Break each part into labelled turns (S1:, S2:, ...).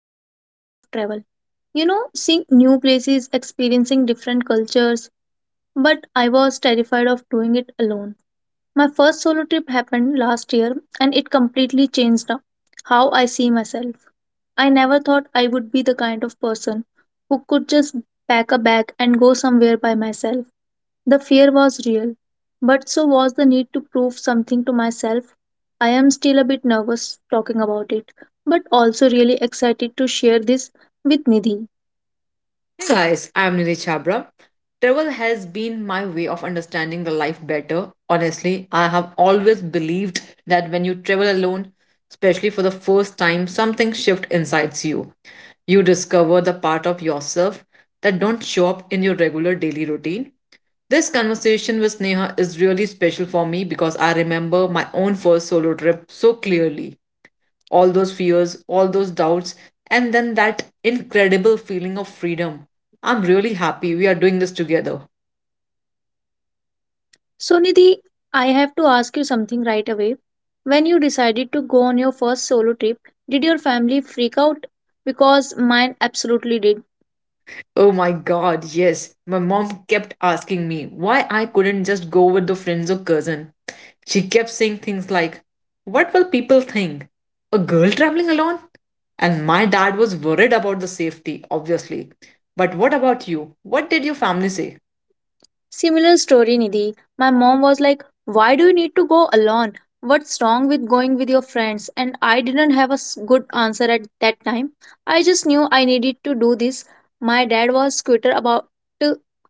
S1: loved the idea of travel. You know, seeing new places, experiencing different cultures, but I was terrified of doing it alone. My first solo trip happened last year and it completely changed how I see myself. I never thought I would be the kind of person who could just pack a bag and go somewhere by myself. The fear was real, but so was the need to prove something to myself. I am still a bit nervous talking about it, but also really excited to share this with Nidhi.
S2: Hey guys, I'm Nidhi Chabra. Travel has been my way of understanding the life better. Honestly, I have always believed that when you travel alone, especially for the first time, something shifts inside you. You discover the part of yourself that don't show up in your regular daily routine. This conversation with Neha is really special for me because I remember my own first solo trip so clearly all those fears, all those doubts, and then that incredible feeling of freedom. I'm really happy we are doing this together.
S1: So, Nidhi, I have to ask you something right away. When you decided to go on your first solo trip, did your family freak out? Because mine absolutely did.
S2: Oh my god, yes. My mom kept asking me why I couldn't just go with the friends or cousin. She kept saying things like, what will people think? A girl traveling alone? And my dad was worried about the safety, obviously. But what about you? What did your family say?
S1: Similar story, Nidhi. My mom was like, "Why do you need to go alone? What's wrong with going with your friends?" And I didn't have a good answer at that time. I just knew I needed to do this. My dad was quitter about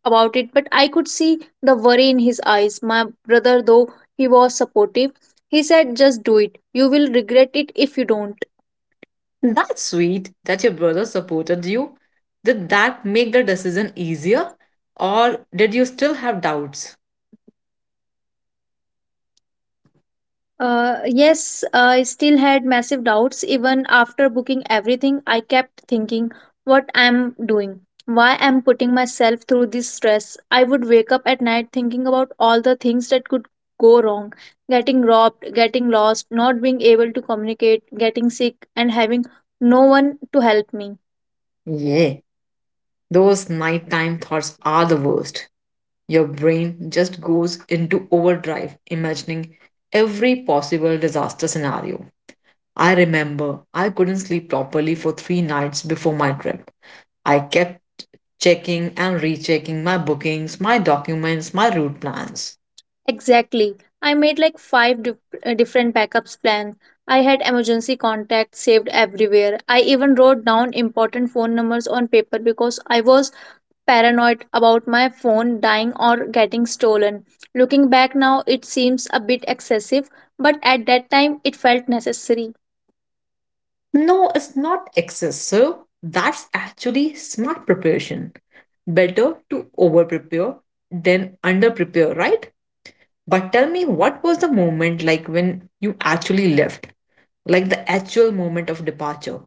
S1: about it, but I could see the worry in his eyes. My brother, though, he was supportive. He said, "Just do it. You will regret it if you don't."
S2: That's sweet that your brother supported you. Did that make the decision easier? Or did you still have doubts?
S1: Yes, I still had massive doubts even after booking everything. I kept thinking what I'm doing, why I'm putting myself through this stress. I would wake up at night thinking about all the things that could go wrong: getting robbed, getting lost, not being able to communicate, getting sick, and having no one to help me.
S2: Yeah, those nighttime thoughts are the worst. Your brain just goes into overdrive, imagining every possible disaster scenario. I remember I couldn't sleep properly for three nights before my trip. I kept checking and rechecking my bookings, my documents, my route plans.
S1: Exactly. I made like different backups plans. I had emergency contacts saved everywhere. I even wrote down important phone numbers on paper because I was paranoid about my phone dying or getting stolen. Looking back now, it seems a bit excessive, but at that time, it felt necessary.
S2: No, it's not excessive. That's actually smart preparation. Better to over prepare than under prepare, right? But tell me, what was the moment like when you actually left? Like the actual moment of departure?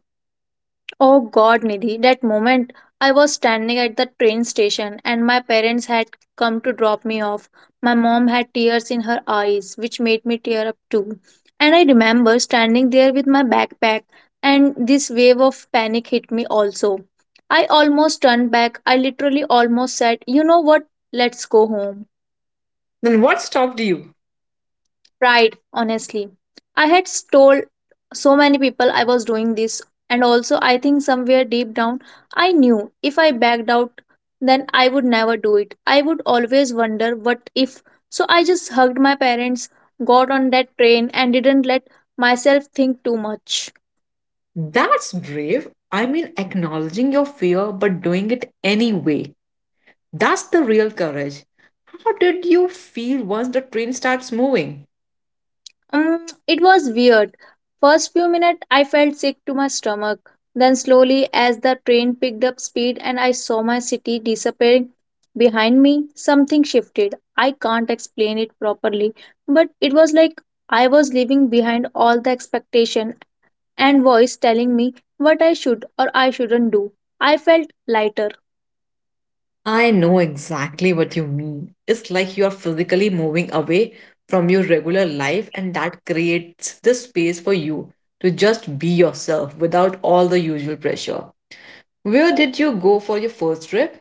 S1: Oh God, Nidhi, that moment, I was standing at the train station and my parents had come to drop me off. My mom had tears in her eyes, which made me tear up too. And I remember standing there with my backpack, and this wave of panic hit me also. I almost turned back. I literally almost said, "You know what? Let's go home."
S2: Then what stopped you?
S1: Pride, honestly. I had told so many people I was doing this, and also I think somewhere deep down I knew if I backed out, then I would never do it. I would always wonder what if. So I just hugged my parents, got on that train, and didn't let myself think too much.
S2: That's brave. I mean, acknowledging your fear but doing it anyway. That's the real courage. How did you feel once the train starts moving?
S1: It was weird. First few minutes, I felt sick to my stomach. Then, slowly, as the train picked up speed and I saw my city disappearing behind me, something shifted. I can't explain it properly, but it was like I was leaving behind all the expectation and voice telling me what I should or I shouldn't do. I felt lighter.
S2: I know exactly what you mean. It's like you are physically moving away from your regular life, and that creates this space for you to just be yourself without all the usual pressure. Where did you go for your first trip?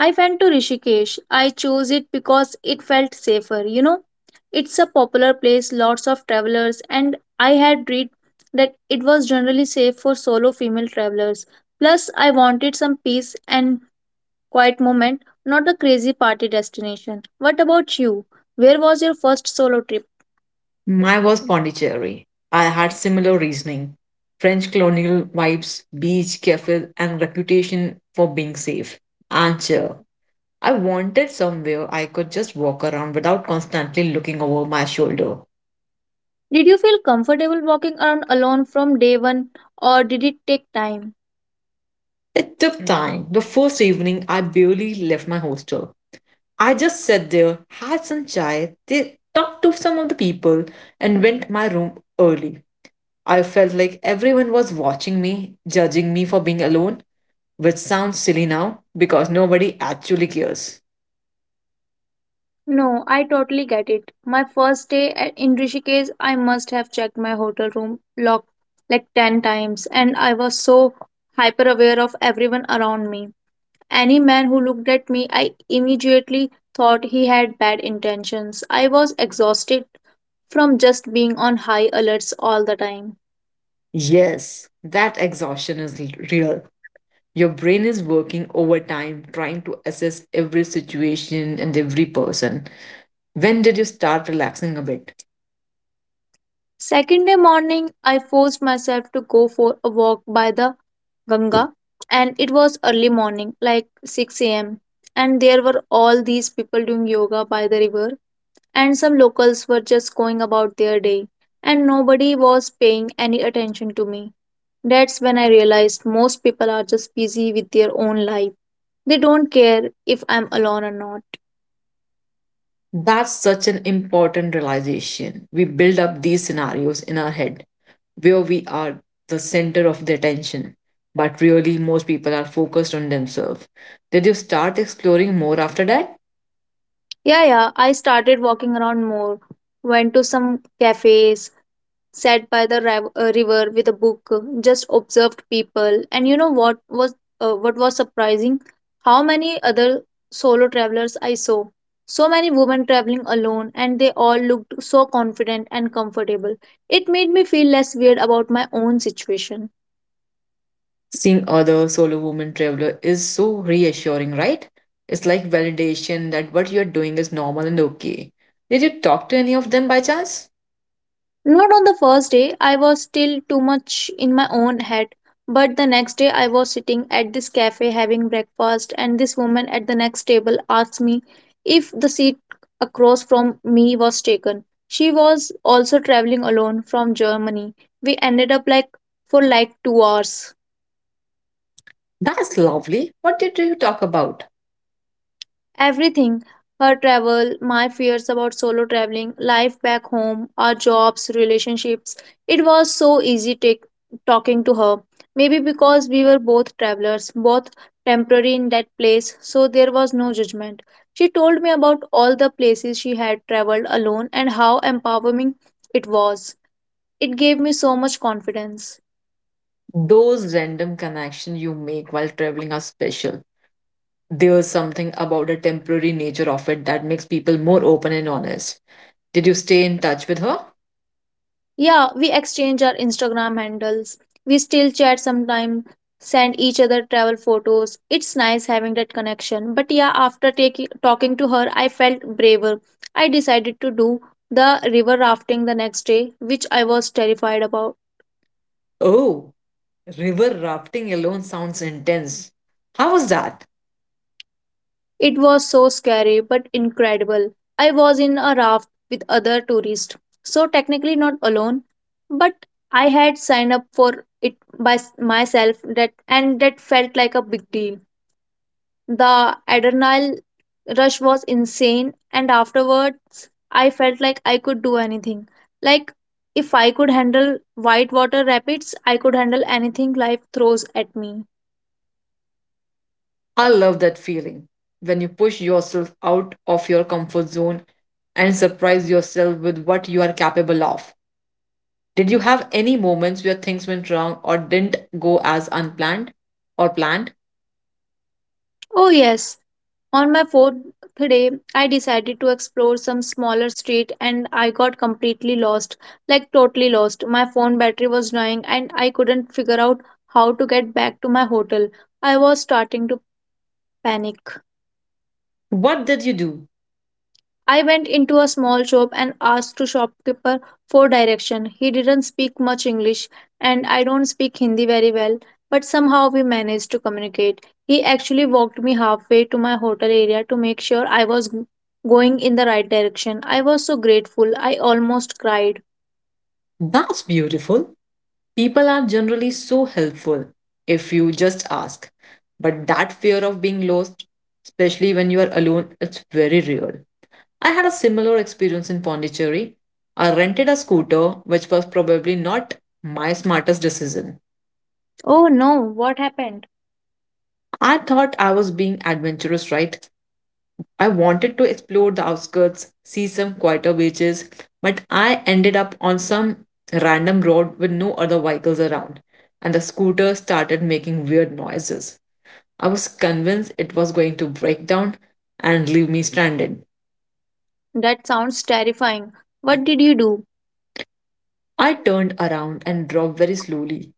S1: I went to Rishikesh. I chose it because it felt safer, you know. It's a popular place, lots of travelers, and I had read that it was generally safe for solo female travelers. Plus, I wanted some peace and quiet moment, not a crazy party destination. What about you? Where was your first solo trip?
S2: Mine was Pondicherry. I had similar reasoning French colonial vibes, beach, cafes, and reputation for being safe and chill. I wanted somewhere I could just walk around without constantly looking over my shoulder.
S1: Did you feel comfortable walking around alone from day one, or did it take time?
S2: It took time. The first evening, I barely left my hostel. I just sat there, had some chai, they talked to some of the people, and went to my room early. I felt like everyone was watching me, judging me for being alone, which sounds silly now because nobody actually cares.
S1: No, I totally get it. My first day in Rishikesh, I must have checked my hotel room lock like 10 times, and I was so hyper aware of everyone around me. Any man who looked at me, I immediately thought he had bad intentions. I was exhausted from just being on high alerts all the time.
S2: Yes, that exhaustion is real. Your brain is working overtime trying to assess every situation and every person. When did you start relaxing a bit?
S1: Second day morning, I forced myself to go for a walk by the Ganga, and it was early morning, like 6 a.m. And there were all these people doing yoga by the river, and some locals were just going about their day, and nobody was paying any attention to me. That's when I realized most people are just busy with their own life. They don't care if I'm alone or not.
S2: That's such an important realization. We build up these scenarios in our head where we are the center of the attention, but really, most people are focused on themselves. Did you start exploring more after that?
S1: Yeah, I started walking around more, went to some cafes, sat by the river with a book, just observed people. And you know what was, what was surprising? How many other solo travelers I saw. So many women traveling alone, and they all looked so confident and comfortable. It made me feel less weird about my own situation.
S2: Seeing other solo woman traveler is so reassuring, right? It's like validation that what you're doing is normal and okay. Did you talk to any of them by chance?
S1: Not on the first day, I was still too much in my own head, but the next day I was sitting at this cafe having breakfast, and this woman at the next table asked me if the seat across from me was taken. She was also traveling alone from Germany. We ended up for like 2 hours.
S2: That's lovely. What did you talk about?
S1: Everything: her travel, my fears about solo traveling, life back home, our jobs, relationships. It was so easy talking to her. Maybe because we were both travelers, both temporary in that place, so there was no judgment. She told me about all the places she had traveled alone and how empowering it was. It gave me so much confidence.
S2: Those random connections you make while traveling are special. There's something about the temporary nature of it that makes people more open and honest. Did you stay in touch with her?
S1: Yeah, we exchange our Instagram handles. We still chat sometime, send each other travel photos. It's nice having that connection. But yeah, after taking talking to her, I felt braver. I decided to do the river rafting the next day, which I was terrified about.
S2: Oh, river rafting alone sounds intense. How was that?
S1: It was so scary but incredible. I was in a raft with other tourists, so technically not alone, but I had signed up for it by myself, that and that felt like a big deal. The adrenaline rush was insane, and afterwards, I felt like I could do anything. Like, if I could handle whitewater rapids, I could handle anything life throws at me.
S2: I love that feeling when you push yourself out of your comfort zone and surprise yourself with what you are capable of. Did you have any moments where things went wrong or didn't go as unplanned or planned?
S1: Oh, yes. On my fourth day, I decided to explore some smaller street and I got completely lost, like, totally lost. My phone battery was dying and I couldn't figure out how to get back to my hotel. I was starting to panic.
S2: What did you do?
S1: I went into a small shop and asked the shopkeeper for direction. He didn't speak much English and I don't speak Hindi very well, but somehow we managed to communicate. He actually walked me halfway to my hotel area to make sure I was going in the right direction. I was so grateful. I almost cried.
S2: That's beautiful. People are generally so helpful if you just ask. But that fear of being lost, especially when you are alone, it's very real. I had a similar experience in Pondicherry. I rented a scooter, which was probably not my smartest decision.
S1: Oh no, what happened?
S2: I thought I was being adventurous, right? I wanted to explore the outskirts, see some quieter beaches, but I ended up on some random road with no other vehicles around, and the scooter started making weird noises. I was convinced it was going to break down and leave me stranded.
S1: That sounds terrifying. What did you do?
S2: I turned around and drove very slowly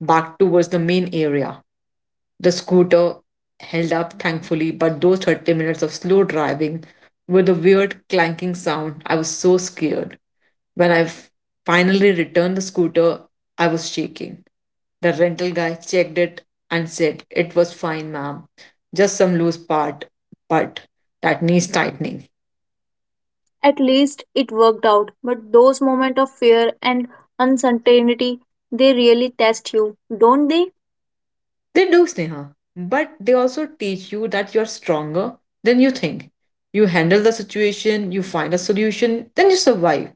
S2: back towards the main area. The scooter held up, thankfully, but those 30 minutes of slow driving with a weird clanking sound, I was so scared. When I finally returned the scooter, I was shaking. The rental guy checked it and said, it was fine, ma'am. Just some loose part, but that needs tightening.
S1: At least it worked out, but those moments of fear and uncertainty, they really test you, don't they?
S2: They do, Sneha. But they also teach you that you're stronger than you think. You handle the situation, you find a solution, then you survive.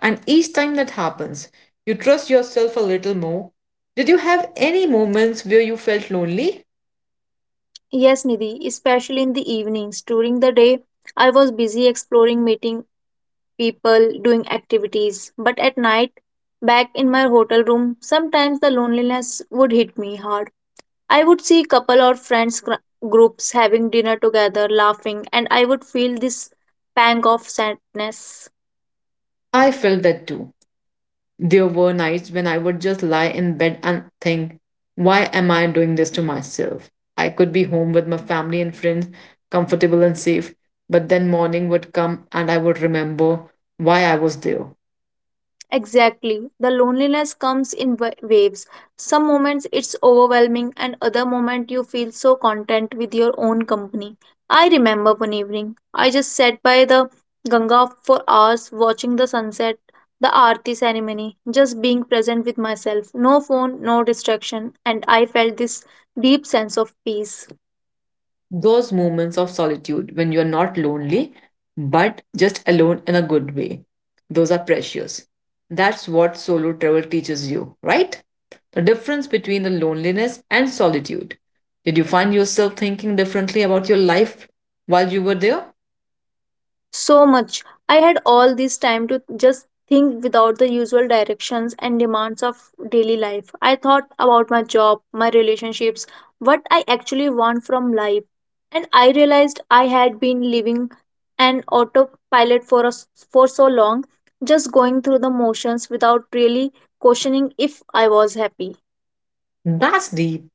S2: And each time that happens, you trust yourself a little more. Did you have any moments where you felt lonely?
S1: Yes, Nidhi, especially in the evenings. During the day, I was busy exploring, meeting people, doing activities. But at night, back in my hotel room, sometimes the loneliness would hit me hard. I would see couple or groups having dinner together, laughing, and I would feel this pang of sadness.
S2: I felt that too. There were nights when I would just lie in bed and think, why am I doing this to myself? I could be home with my family and friends, comfortable and safe, but then morning would come and I would remember why I was there.
S1: Exactly. The loneliness comes in waves. Some moments it's overwhelming, and other moment you feel so content with your own company. I remember one evening, I just sat by the Ganga for hours watching the sunset, the Aarti ceremony, just being present with myself. No phone, no distraction, and I felt this deep sense of peace.
S2: Those moments of solitude when you're not lonely, but just alone in a good way, those are precious. That's what solo travel teaches you, right? The difference between the loneliness and solitude. Did you find yourself thinking differently about your life while you were there?
S1: So much. I had all this time to just think without the usual directions and demands of daily life. I thought about my job, my relationships, what I actually want from life. And I realized I had been living an autopilot for us for so long, just going through the motions without really questioning if I was happy.
S2: That's deep.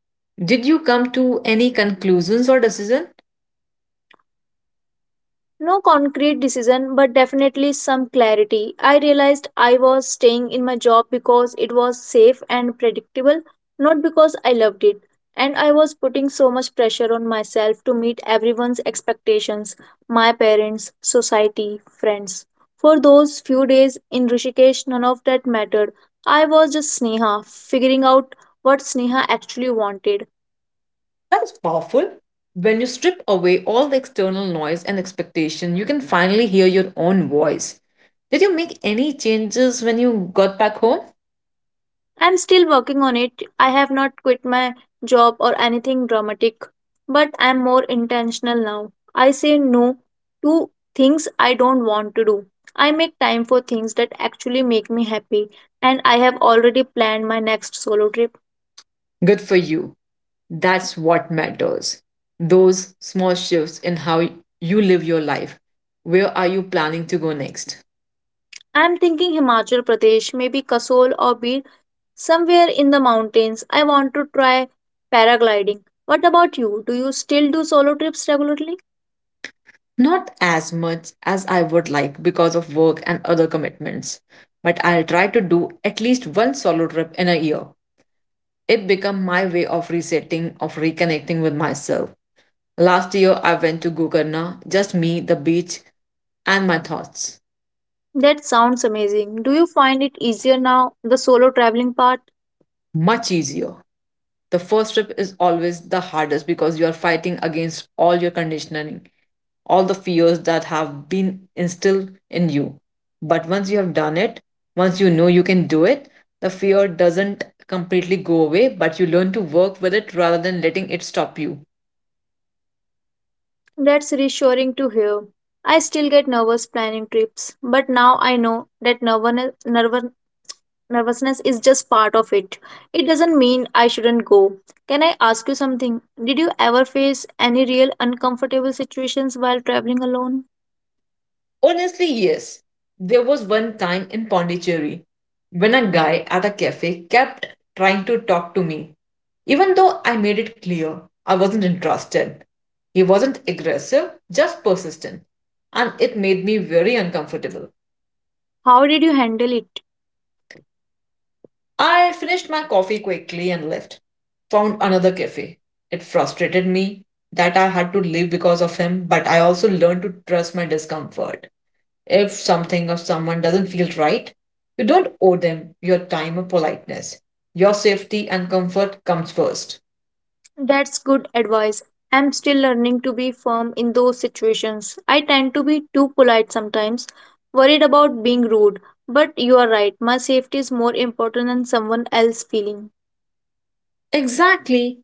S2: Did you come to any conclusions or decision?
S1: No concrete decision, but definitely some clarity. I realized I was staying in my job because it was safe and predictable, not because I loved it. And I was putting so much pressure on myself to meet everyone's expectations: my parents, society, friends. For those few days in Rishikesh, none of that mattered. I was just Sneha, figuring out what Sneha actually wanted.
S2: That's powerful. When you strip away all the external noise and expectation, you can finally hear your own voice. Did you make any changes when you got back home?
S1: I'm still working on it. I have not quit my job or anything dramatic, but I'm more intentional now. I say no to things I don't want to do. I make time for things that actually make me happy, and I have already planned my next solo trip.
S2: Good for you. That's what matters. Those small shifts in how you live your life. Where are you planning to go next?
S1: I'm thinking Himachal Pradesh, maybe Kasol or Bir, somewhere in the mountains. I want to try paragliding. What about you? Do you still do solo trips regularly?
S2: Not as much as I would like because of work and other commitments, but I'll try to do at least one solo trip in a year. It became my way of resetting, of reconnecting with myself. Last year, I went to Gokarna, just me, the beach, and my thoughts.
S1: That sounds amazing. Do you find it easier now, the solo traveling part?
S2: Much easier. The first trip is always the hardest because you are fighting against all your conditioning, all the fears that have been instilled in you. But once you have done it, once you know you can do it, the fear doesn't completely go away, but you learn to work with it rather than letting it stop you.
S1: That's reassuring to hear. I still get nervous planning trips, but now I know that nervousness is just part of it. It doesn't mean I shouldn't go. Can I ask you something? Did you ever face any real uncomfortable situations while traveling alone?
S2: Honestly, yes. There was one time in Pondicherry when a guy at a cafe kept trying to talk to me, even though I made it clear I wasn't interested. He wasn't aggressive, just persistent, and it made me very uncomfortable.
S1: How did you handle it?
S2: I finished my coffee quickly and left, found another cafe. It frustrated me that I had to leave because of him, but I also learned to trust my discomfort. If something or someone doesn't feel right, you don't owe them your time or politeness. Your safety and comfort comes first.
S1: That's good advice. I'm still learning to be firm in those situations. I tend to be too polite sometimes, worried about being rude. But you are right, my safety is more important than someone else's feeling.
S2: Exactly.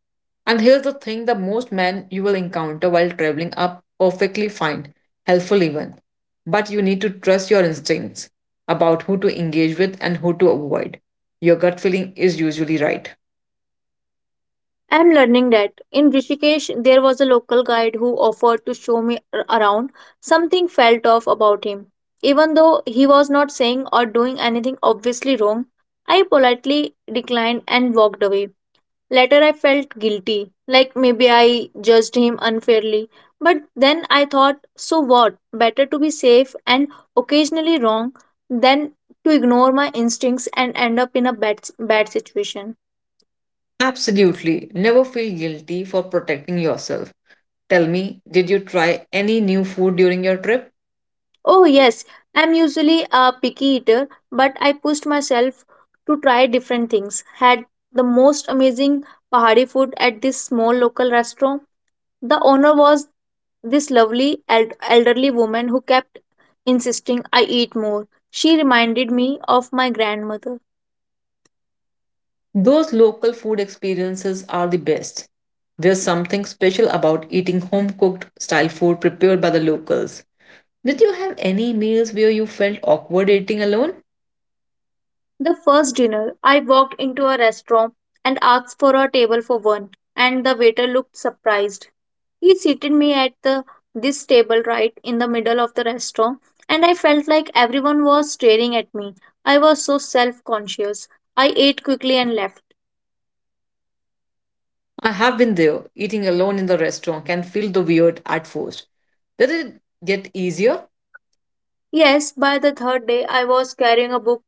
S2: And here's the thing the most men you will encounter while traveling are perfectly fine, helpful even. But you need to trust your instincts about who to engage with and who to avoid. Your gut feeling is usually right.
S1: I'm learning that. In Rishikesh, there was a local guide who offered to show me around. Something felt off about him. Even though he was not saying or doing anything obviously wrong, I politely declined and walked away. Later, I felt guilty, like maybe I judged him unfairly. But then I thought, so what? Better to be safe and occasionally wrong than to ignore my instincts and end up in a bad, bad situation.
S2: Absolutely. Never feel guilty for protecting yourself. Tell me, did you try any new food during your trip?
S1: Oh, yes, I'm usually a picky eater, but I pushed myself to try different things. Had the most amazing Pahari food at this small local restaurant. The owner was this lovely elderly woman who kept insisting I eat more. She reminded me of my grandmother.
S2: Those local food experiences are the best. There's something special about eating home cooked style food prepared by the locals. Did you have any meals where you felt awkward eating alone?
S1: The first dinner, I walked into a restaurant and asked for a table for one, and the waiter looked surprised. He seated me at the this table right in the middle of the restaurant, and I felt like everyone was staring at me. I was so self-conscious. I ate quickly and left.
S2: I have been there. Eating alone in the restaurant can feel the weird at first. Did it get easier?
S1: Yes, by the third day, I was carrying a book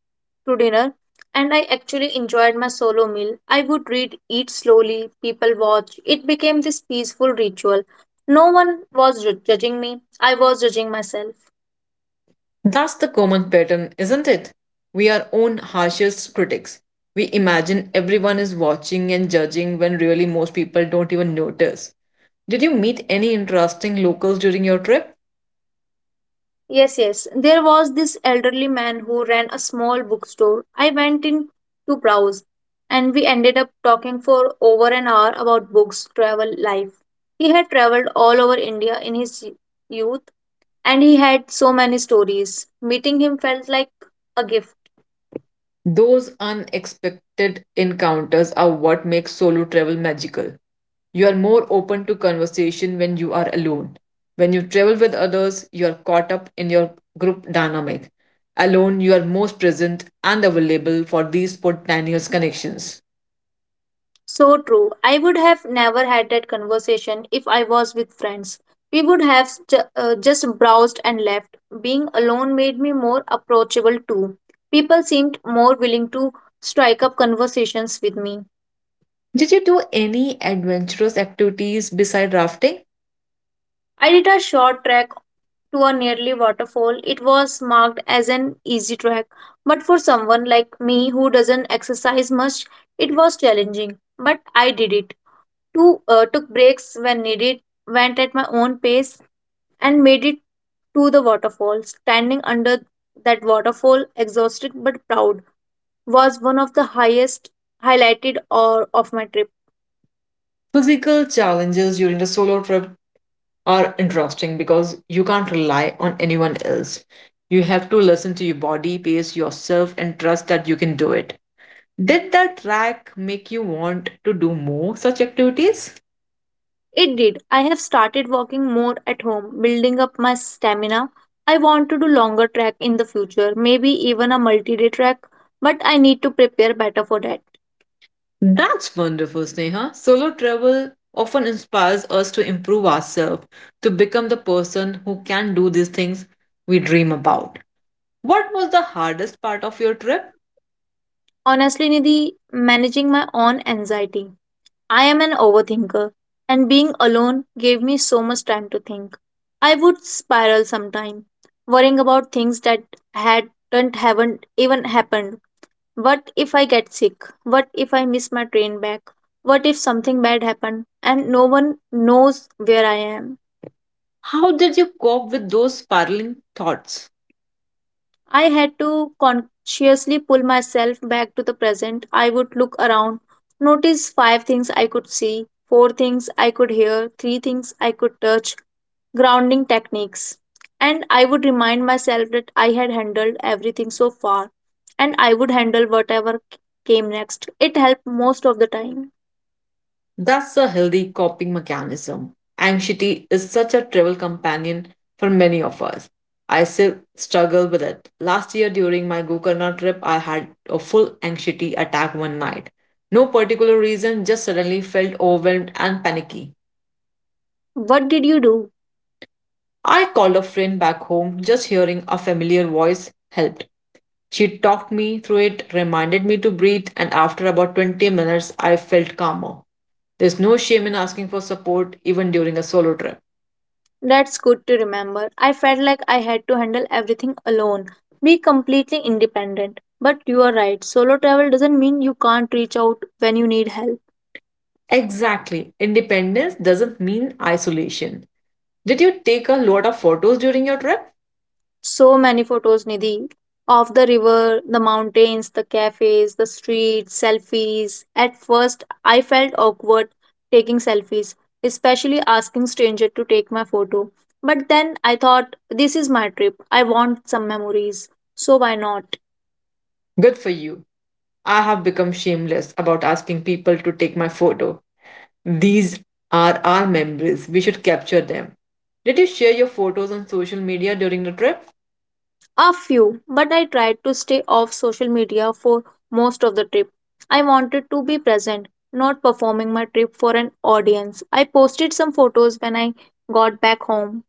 S1: to dinner and I actually enjoyed my solo meal. I would read, eat slowly, people watch. It became this peaceful ritual. No one was judging me, I was judging myself.
S2: That's the common pattern, isn't it? We are own harshest critics. We imagine everyone is watching and judging when really most people don't even notice. Did you meet any interesting locals during your trip?
S1: Yes, yes. There was this elderly man who ran a small bookstore. I went in to browse, and we ended up talking for over an hour about books, travel, life. He had traveled all over India in his youth, and he had so many stories. Meeting him felt like a gift.
S2: Those unexpected encounters are what makes solo travel magical. You are more open to conversation when you are alone. When you travel with others, you are caught up in your group dynamic. Alone, you are most present and available for these spontaneous connections.
S1: So true. I would have never had that conversation if I was with friends. We would have just browsed and left. Being alone made me more approachable too. People seemed more willing to strike up conversations with me.
S2: Did you do any adventurous activities beside rafting?
S1: I did a short trek to a nearly waterfall. It was marked as an easy trek, but for someone like me who doesn't exercise much, it was challenging. But I did it. Took breaks when needed, went at my own pace, and made it to the waterfall. Standing under that waterfall, exhausted but proud, was one of the highest highlighted or of my trip.
S2: Physical challenges during the solo trip are interesting because you can't rely on anyone else. You have to listen to your body, pace yourself, and trust that you can do it. Did that track make you want to do more such activities?
S1: It did. I have started walking more at home, building up my stamina. I want to do longer trek in the future, maybe even a multi-day trek, but I need to prepare better for that.
S2: That's wonderful, Sneha. Solo travel often inspires us to improve ourselves, to become the person who can do these things we dream about. What was the hardest part of your trip?
S1: Honestly, Nidhi, managing my own anxiety. I am an overthinker, and being alone gave me so much time to think. I would spiral sometime, worrying about things that hadn't haven't even happened. What if I get sick? What if I miss my train back? What if something bad happened and no one knows where I am?
S2: How did you cope with those spiraling thoughts?
S1: I had to consciously pull myself back to the present. I would look around, notice five things I could see, four things I could hear, three things I could touch, grounding techniques. And I would remind myself that I had handled everything so far and I would handle whatever came next. It helped most of the time.
S2: That's a healthy coping mechanism. Anxiety is such a travel companion for many of us. I still struggle with it. Last year during my Gokarna trip, I had a full anxiety attack one night. No particular reason, just suddenly felt overwhelmed and panicky.
S1: What did you do?
S2: I called a friend back home, just hearing a familiar voice helped. She talked me through it, reminded me to breathe, and after about 20 minutes, I felt calmer. There's no shame in asking for support even during a solo trip.
S1: That's good to remember. I felt like I had to handle everything alone, be completely independent. But you are right, solo travel doesn't mean you can't reach out when you need help.
S2: Exactly. Independence doesn't mean isolation. Did you take a lot of photos during your trip?
S1: So many photos, Nidhi, of the river, the mountains, the cafes, the streets, selfies. At first, I felt awkward taking selfies, especially asking stranger to take my photo. But then I thought, this is my trip. I want some memories. So why not?
S2: Good for you. I have become shameless about asking people to take my photo. These are our memories. We should capture them. Did you share your photos on social media during the trip?
S1: A few, but I tried to stay off social media for most of the trip. I wanted to be present, not performing my trip for an audience. I posted some photos when I got back home.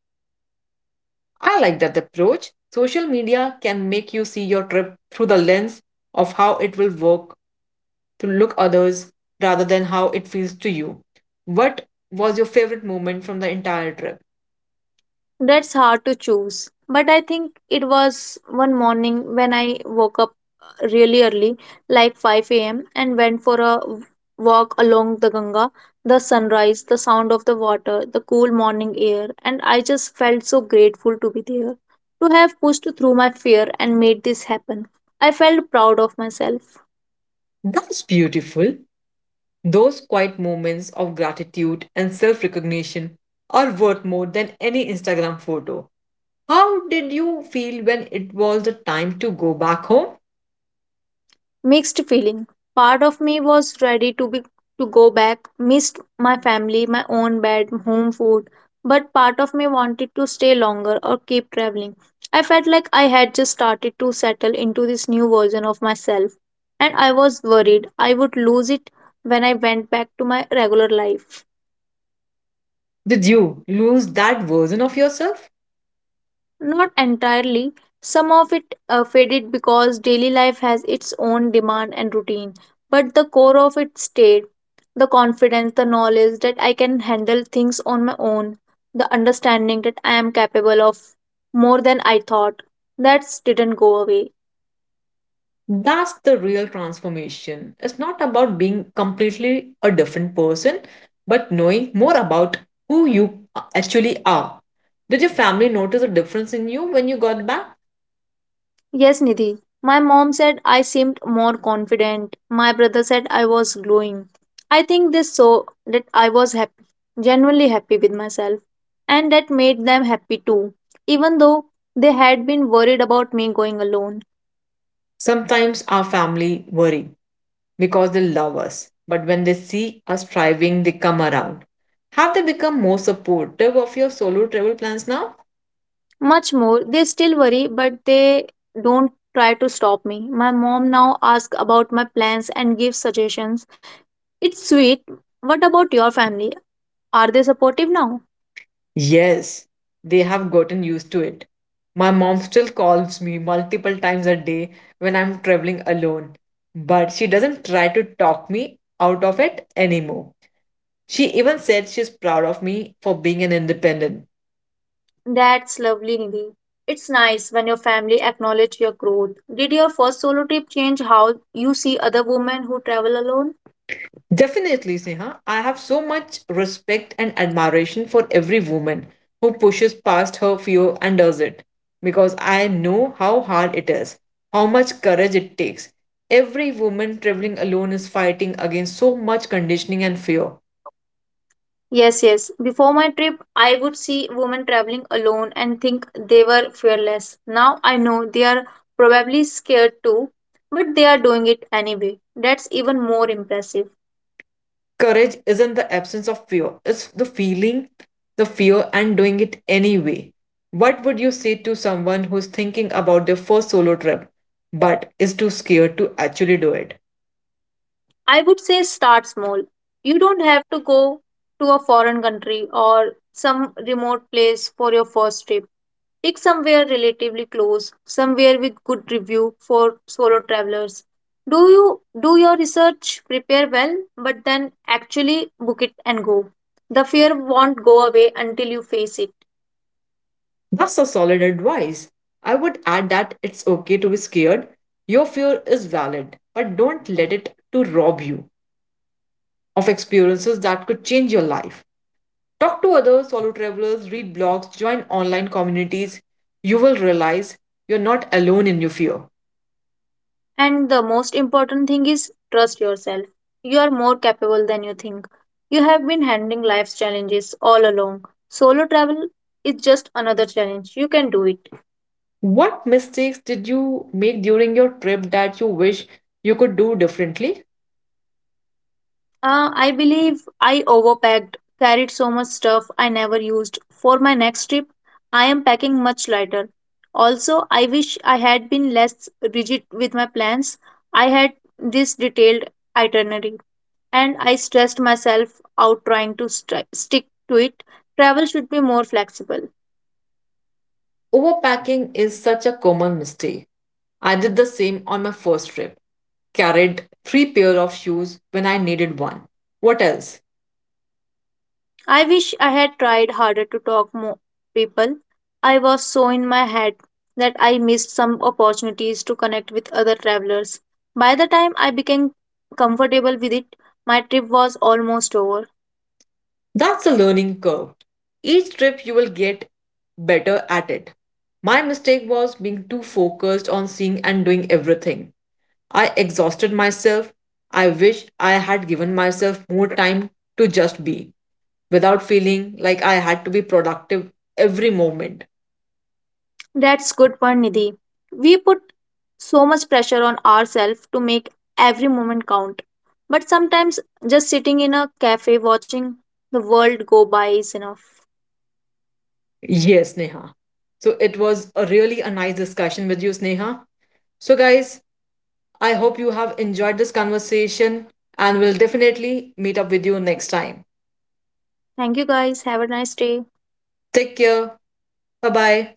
S2: I like that approach. Social media can make you see your trip through the lens of how it will work to look others rather than how it feels to you. What was your favorite moment from the entire trip?
S1: That's hard to choose. But I think it was one morning when I woke up really early, like 5 a.m., and went for a walk along the Ganga. The sunrise, the sound of the water, the cool morning air, and I just felt so grateful to be there, to have pushed through my fear and made this happen. I felt proud of myself.
S2: That's beautiful. Those quiet moments of gratitude and self recognition are worth more than any Instagram photo. How did you feel when it was the time to go back home?
S1: Mixed feeling. Part of me was ready to go back, missed my family, my own bed, home food, but part of me wanted to stay longer or keep traveling. I felt like I had just started to settle into this new version of myself, and I was worried I would lose it when I went back to my regular life.
S2: Did you lose that version of yourself?
S1: Not entirely. Some of it faded because daily life has its own demand and routine, but the core of it stayed. The confidence, the knowledge that I can handle things on my own, the understanding that I am capable of more than I thought. That didn't go away.
S2: That's the real transformation. It's not about being completely a different person, but knowing more about who you actually are. Did your family notice a difference in you when you got back?
S1: Yes, Nidhi. My mom said I seemed more confident. My brother said I was glowing. I think they saw that I was happy, genuinely happy with myself, and that made them happy too. Even though they had been worried about me going alone.
S2: Sometimes our family worry because they love us, but when they see us thriving, they come around. Have they become more supportive of your solo travel plans now?
S1: Much more, they still worry, but they don't try to stop me. My mom now asks about my plans and gives suggestions. It's sweet. What about your family? Are they supportive now?
S2: Yes, they have gotten used to it. My mom still calls me multiple times a day when I'm traveling alone, but she doesn't try to talk me out of it anymore. She even said she's proud of me for being an independent.
S1: That's lovely, Nidhi. It's nice when your family acknowledge your growth. Did your first solo trip change how you see other women who travel alone?
S2: Definitely, Sneha. I have so much respect and admiration for every woman who pushes past her fear and does it because I know how hard it is, how much courage it takes. Every woman traveling alone is fighting against so much conditioning and fear.
S1: Yes, yes. Before my trip, I would see women traveling alone and think they were fearless. Now I know they are probably scared too, but they are doing it anyway. That's even more impressive.
S2: Courage isn't the absence of fear, it's the feeling, the fear, and doing it anyway. What would you say to someone who's thinking about their first solo trip but is too scared to actually do it?
S1: I would say start small. You don't have to go to a foreign country or some remote place for your first trip. Pick somewhere relatively close, somewhere with good review for solo travelers. Do you do your research, prepare well, but then actually book it and go. The fear won't go away until you face it.
S2: That's a solid advice. I would add that it's okay to be scared. Your fear is valid, but don't let it to rob you of experiences that could change your life. Talk to others, solo travelers, read blogs, join online communities. You will realize you're not alone in your fear.
S1: And the most important thing is trust yourself. You are more capable than you think. You have been handling life's challenges all along. Solo travel is just another challenge. You can do it.
S2: What mistakes did you make during your trip that you wish you could do differently?
S1: I believe I overpacked, carried so much stuff I never used. For my next trip, I am packing much lighter. Also, I wish I had been less rigid with my plans. I had this detailed itinerary and I stressed myself out trying to stick to it. Travel should be more flexible.
S2: Overpacking is such a common mistake. I did the same on my first trip. Carried three pair of shoes when I needed one. What else?
S1: I wish I had tried harder to talk more people. I was so in my head that I missed some opportunities to connect with other travelers. By the time I became comfortable with it, my trip was almost over.
S2: That's a learning curve. Each trip you will get better at it. My mistake was being too focused on seeing and doing everything. I exhausted myself. I wish I had given myself more time to just be without feeling like I had to be productive every moment.
S1: That's good point, Nidhi. We put so much pressure on ourselves to make every moment count. But sometimes just sitting in a cafe watching the world go by is enough.
S2: Yes, Neha. So it was a really a nice discussion with you, Sneha. So guys, I hope you have enjoyed this conversation and will definitely meet up with you next time.
S1: Thank you guys. Have a nice day.
S2: Take care. Bye-bye.